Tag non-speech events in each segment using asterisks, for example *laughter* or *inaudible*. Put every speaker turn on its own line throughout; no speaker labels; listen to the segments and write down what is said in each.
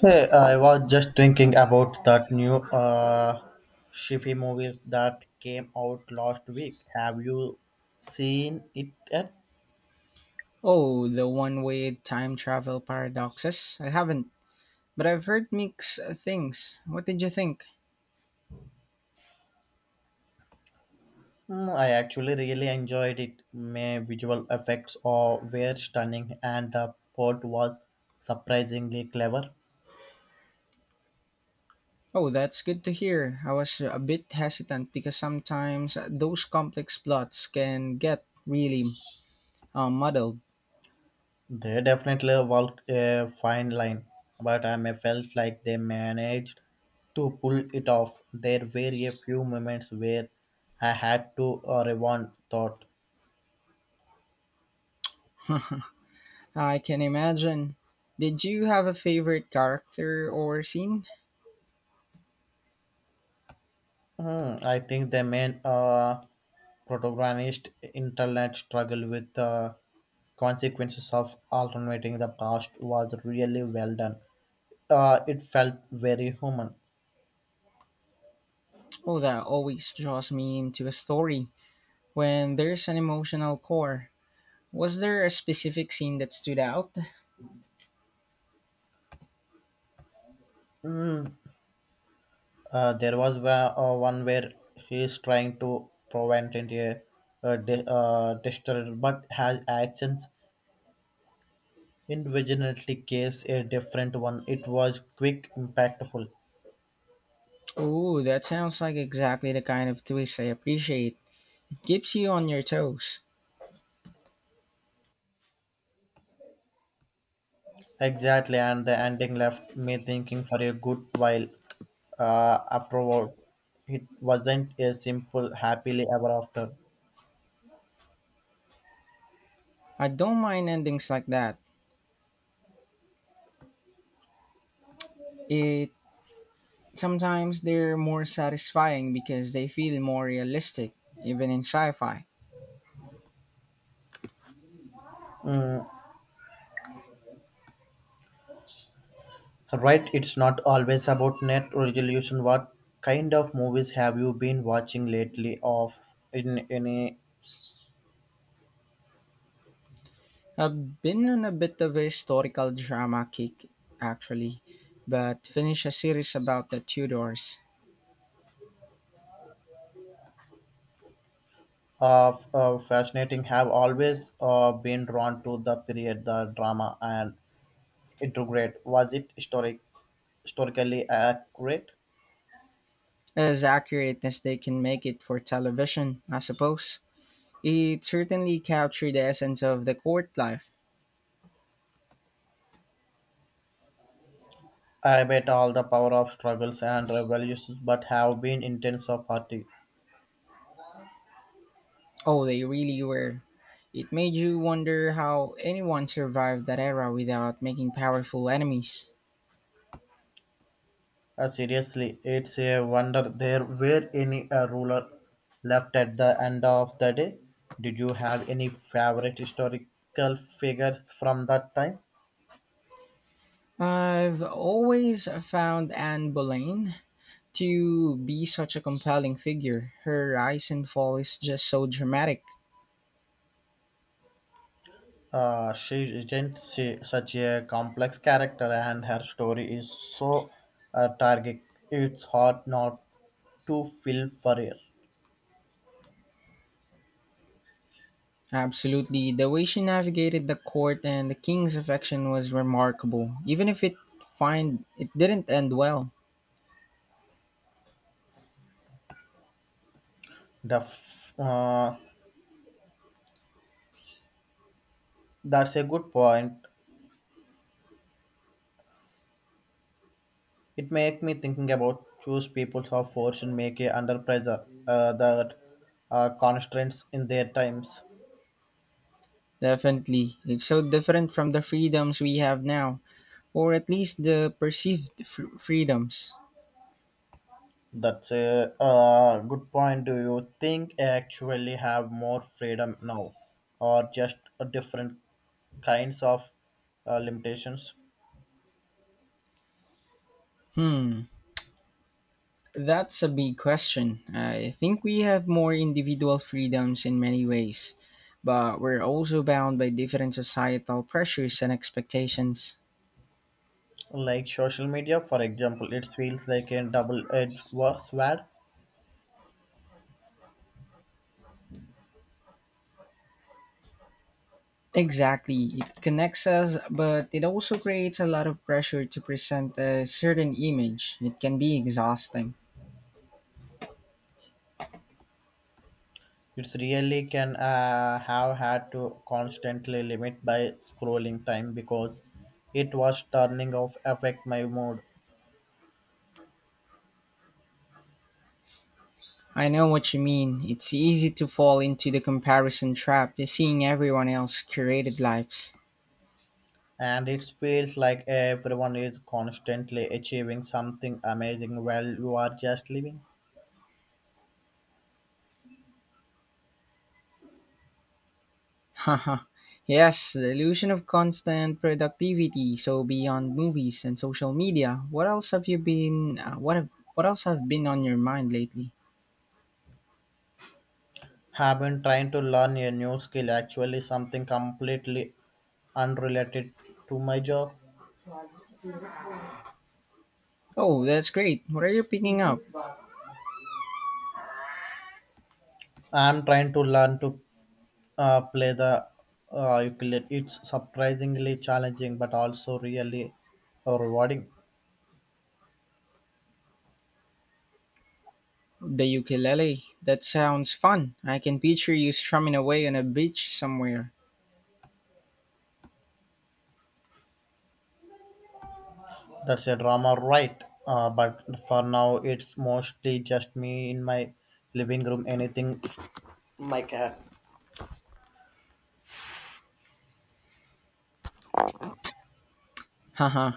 Hey, I was just thinking about that new Shifi movies that came out last week. Have you seen it yet?
Oh, the one way time travel paradoxes? I haven't, but I've heard mixed things. What did you think?
Hmm, I actually really enjoyed it. My visual effects were stunning and the plot was surprisingly clever.
Oh, that's good to hear. I was a bit hesitant because sometimes those complex plots can get really muddled.
They definitely walked a fine line, but I may felt like they managed to pull it off. There were a few moments where I had to rewind thought.
*laughs* I can imagine. Did you have a favorite character or scene?
Hmm, I think the main protagonist internet struggle with the consequences of alternating the past was really well done. It felt very human.
Oh, that always draws me into a story when there's an emotional core. Was there a specific scene that stood out?
There was one where he's trying to prevent India destroyer, but has actions individually case a different one. It was quick, impactful.
Ooh, that sounds like exactly the kind of twist I appreciate. It keeps you on your toes.
Exactly, and the ending left me thinking for a good while afterwards. It wasn't a simple happily ever after.
I don't mind endings like that. It sometimes they're more satisfying because they feel more realistic, even in sci-fi.
Mm, right, it's not always about net resolution. What kind of movies have you been watching lately? Of in any
I've been on a bit of a historical drama kick actually, but finished a series about the Tudors.
of fascinating have always been drawn to the period, the drama, and integrate. Was it historically accurate?
As accurate as they can make it for television, I suppose. It certainly captured the essence of the court life.
I bet all the power of struggles and revolutions, but have been intense of party.
Oh, they really were. It made you wonder how anyone survived that era without making powerful enemies.
Seriously, it's a wonder there were any ruler left at the end of the day. Did you have any favorite historical figures from that time?
I've always found Anne Boleyn to be such a compelling figure. Her rise and fall is just so dramatic.
She isn't she, such a complex character, and her story is so tragic. It's hard not to feel for her.
Absolutely. The way she navigated the court and the king's affection was remarkable, even if it find it didn't end well.
The f- uh, that's a good point. It made me thinking about choose people who are forced to make a under pressure that constraints in their times.
Definitely. It's so different from the freedoms we have now, or at least the perceived freedoms?
That's a good point. Do you think I actually have more freedom now, or just a different kinds of limitations?
Hmm, that's a big question. I think we have more individual freedoms in many ways, but we're also bound by different societal pressures and expectations.
Like social media, for example, it feels like a double-edged sword.
Exactly, it connects us, but it also creates a lot of pressure to present a certain image. It can be exhausting.
It's really can have had to constantly limit by scrolling time because it was turning off affect my mood.
I know what you mean. It's easy to fall into the comparison trap, seeing everyone else curated lives.
And it feels like everyone is constantly achieving something amazing while you are just living.
*laughs* Haha, yes, the illusion of constant productivity. So beyond movies and social media, what else have you been? What else have been on your mind lately?
Have been trying to learn a new skill actually something completely unrelated to my job.
Oh, that's great. What are you picking up?
I'm trying to learn to play the ukulele. It's surprisingly challenging, but also really rewarding.
The ukulele. That sounds fun. I can picture you strumming away on a beach somewhere.
That's a drama, right? But for now, it's mostly just me in my living room. Anything my cat.
*laughs* Haha.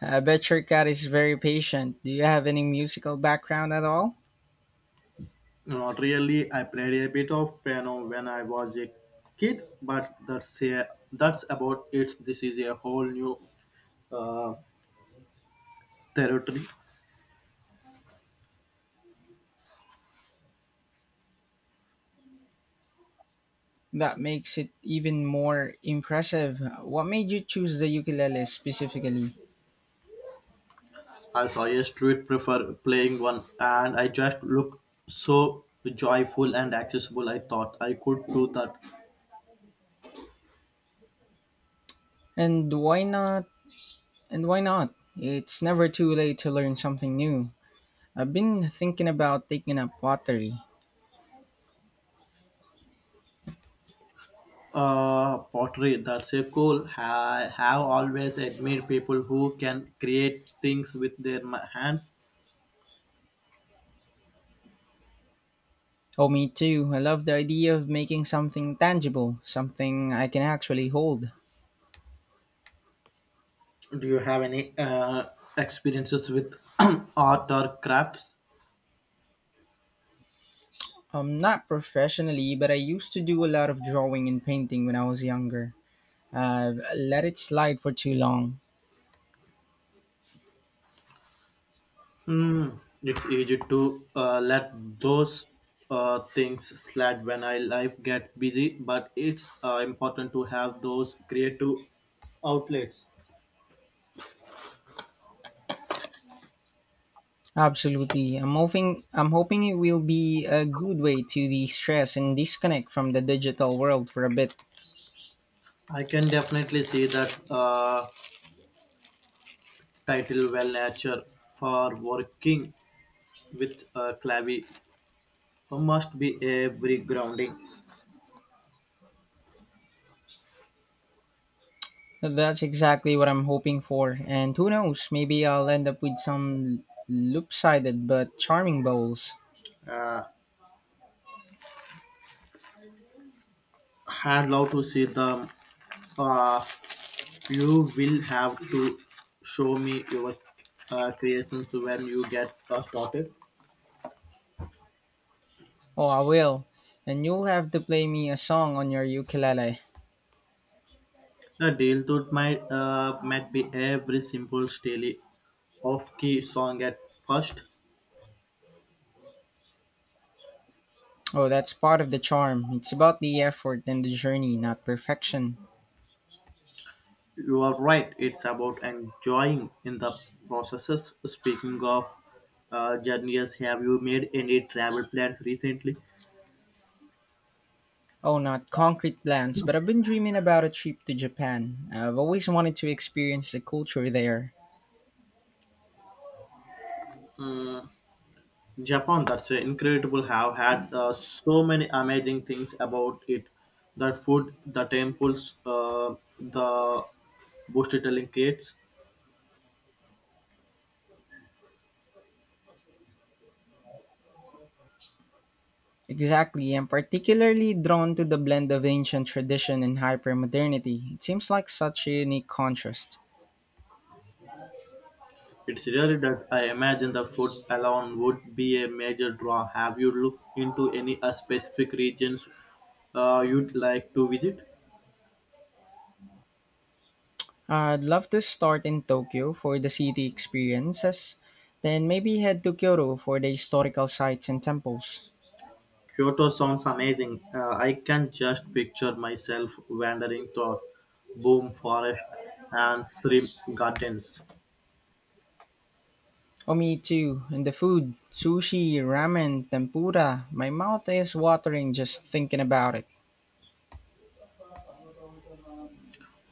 I bet your cat is very patient. Do you have any musical background at all?
Not really. I played a bit of piano when I was a kid, but that's about it. This is a whole new uh, territory.
That makes it even more impressive. What made you choose the ukulele specifically?
I saw a street prefer playing one, and I just look so joyful and accessible. I thought I could do that.
And why not And why not? It's never too late to learn something new. I've been thinking about taking up pottery.
Pottery, that's a cool. I have always admired people who can create things with their hands.
Oh, me too. I love the idea of making something tangible, something I can actually hold.
Do you have any experiences with *clears throat* art or crafts?
Not professionally, but I used to do a lot of drawing and painting when I was younger. I've let it slide for too long.
Mm, it's easy to let those things slide when I life get busy, but it's important to have those creative outlets.
Absolutely. I'm hoping it will be a good way to de-stress and disconnect from the digital world for a bit.
I can definitely see that title well nature for working with Clavi must be every grounding.
That's exactly what I'm hoping for, and who knows, maybe I'll end up with some loop-sided but charming bowls.
Uh, I'd love to see them. Uh, You will have to show me your creations when you get started.
Oh, I will. And you'll have to play me a song on your ukulele.
The deal thought might be every simple daily off key song at first.
Oh, that's part of the charm. It's about the effort and the journey, not perfection.
You are right. It's about enjoying in the processes. Speaking of journeys, have you made any travel plans recently?
Oh, not concrete plans, but I've been dreaming about a trip to Japan. I've always wanted to experience the culture there.
Mm, Japan, that's incredible. Have had so many amazing things about it. The food, the temples, the storytelling kids.
Exactly, I'm particularly drawn to the blend of ancient tradition and hypermodernity. It seems like such a unique contrast.
It really does. I imagine the food alone would be a major draw. Have you looked into any specific regions you'd like to visit?
I'd love to start in Tokyo for the city experiences, then maybe head to Kyoto for the historical sites and temples.
Kyoto sounds amazing. I can just picture myself wandering through Boom Forest and Shrimp Gardens.
Omi too, and the food, sushi, ramen, tempura. My mouth is watering just thinking about it.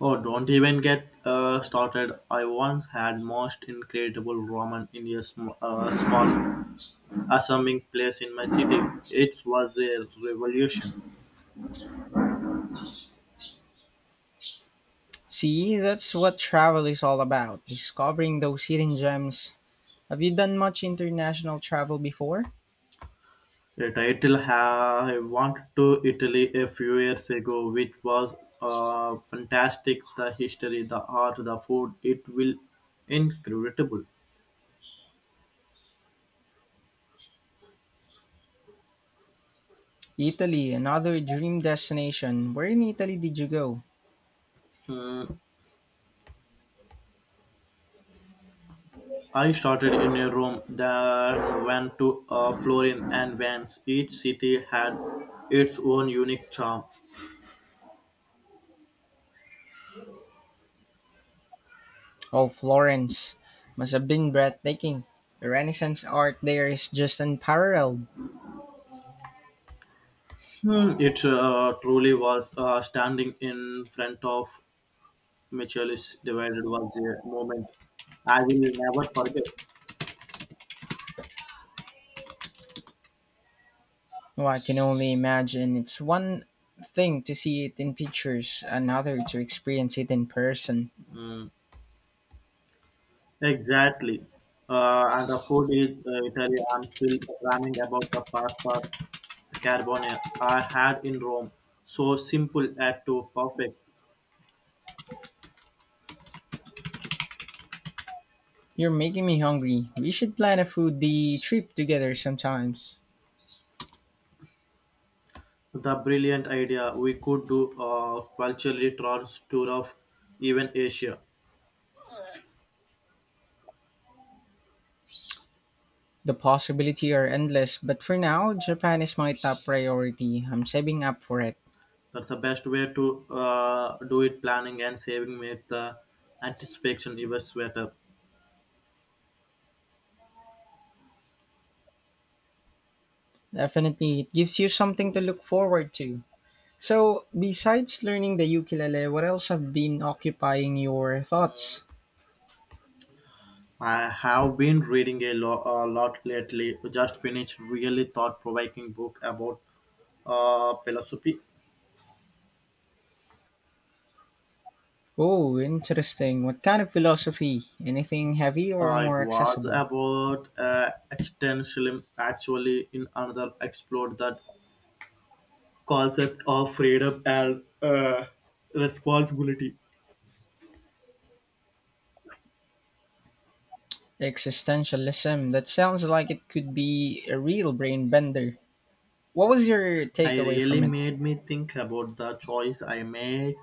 Oh, don't even get started. I once had most incredible ramen in a small assembling place in my city. It was a revolution.
See, that's what travel is all about, discovering those hidden gems. Have you done much international travel before?
Yet I went to Italy a few years ago, which was fantastic. The history, the art, the food, it will incredible.
Italy, another dream destination. Where in Italy did you go?
Mm, I started in a room that went to Florin and Vance. Each city had its own unique charm.
Oh, Florence must have been breathtaking. The Renaissance art there is just unparalleled.
It truly was standing in front of Michelis divided was a moment I will never forget.
Oh, I can only imagine. It's one thing to see it in pictures, another to experience it in person.
Mm, exactly. And the food is Italy. I'm still ramming about the pasta carbonara I had in Rome. So simple yet to perfect.
You're making me hungry. We should plan a foodie trip together sometimes.
The brilliant idea we could do a culturally tour of even Asia.
The possibilities are endless, but for now, Japan is my top priority. I'm saving up for it.
That's the best way to do it. Planning and saving makes the anticipation even sweeter.
Definitely, it gives you something to look forward to. So, besides learning the ukulele, what else have been occupying your thoughts?
I have been reading a lot lately. Just finished really thought-provoking book about philosophy.
Oh, interesting. What kind of philosophy? Anything heavy or
It
more
was
accessible?
about existentialism. Actually, in another explored that concept of freedom and responsibility.
Existentialism. That sounds like it could be a real brain bender. What was your
I
takeaway
really
from it?
made me think about the choice I made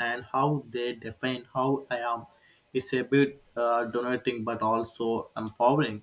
and how they define how I am. It's a bit donating but also empowering.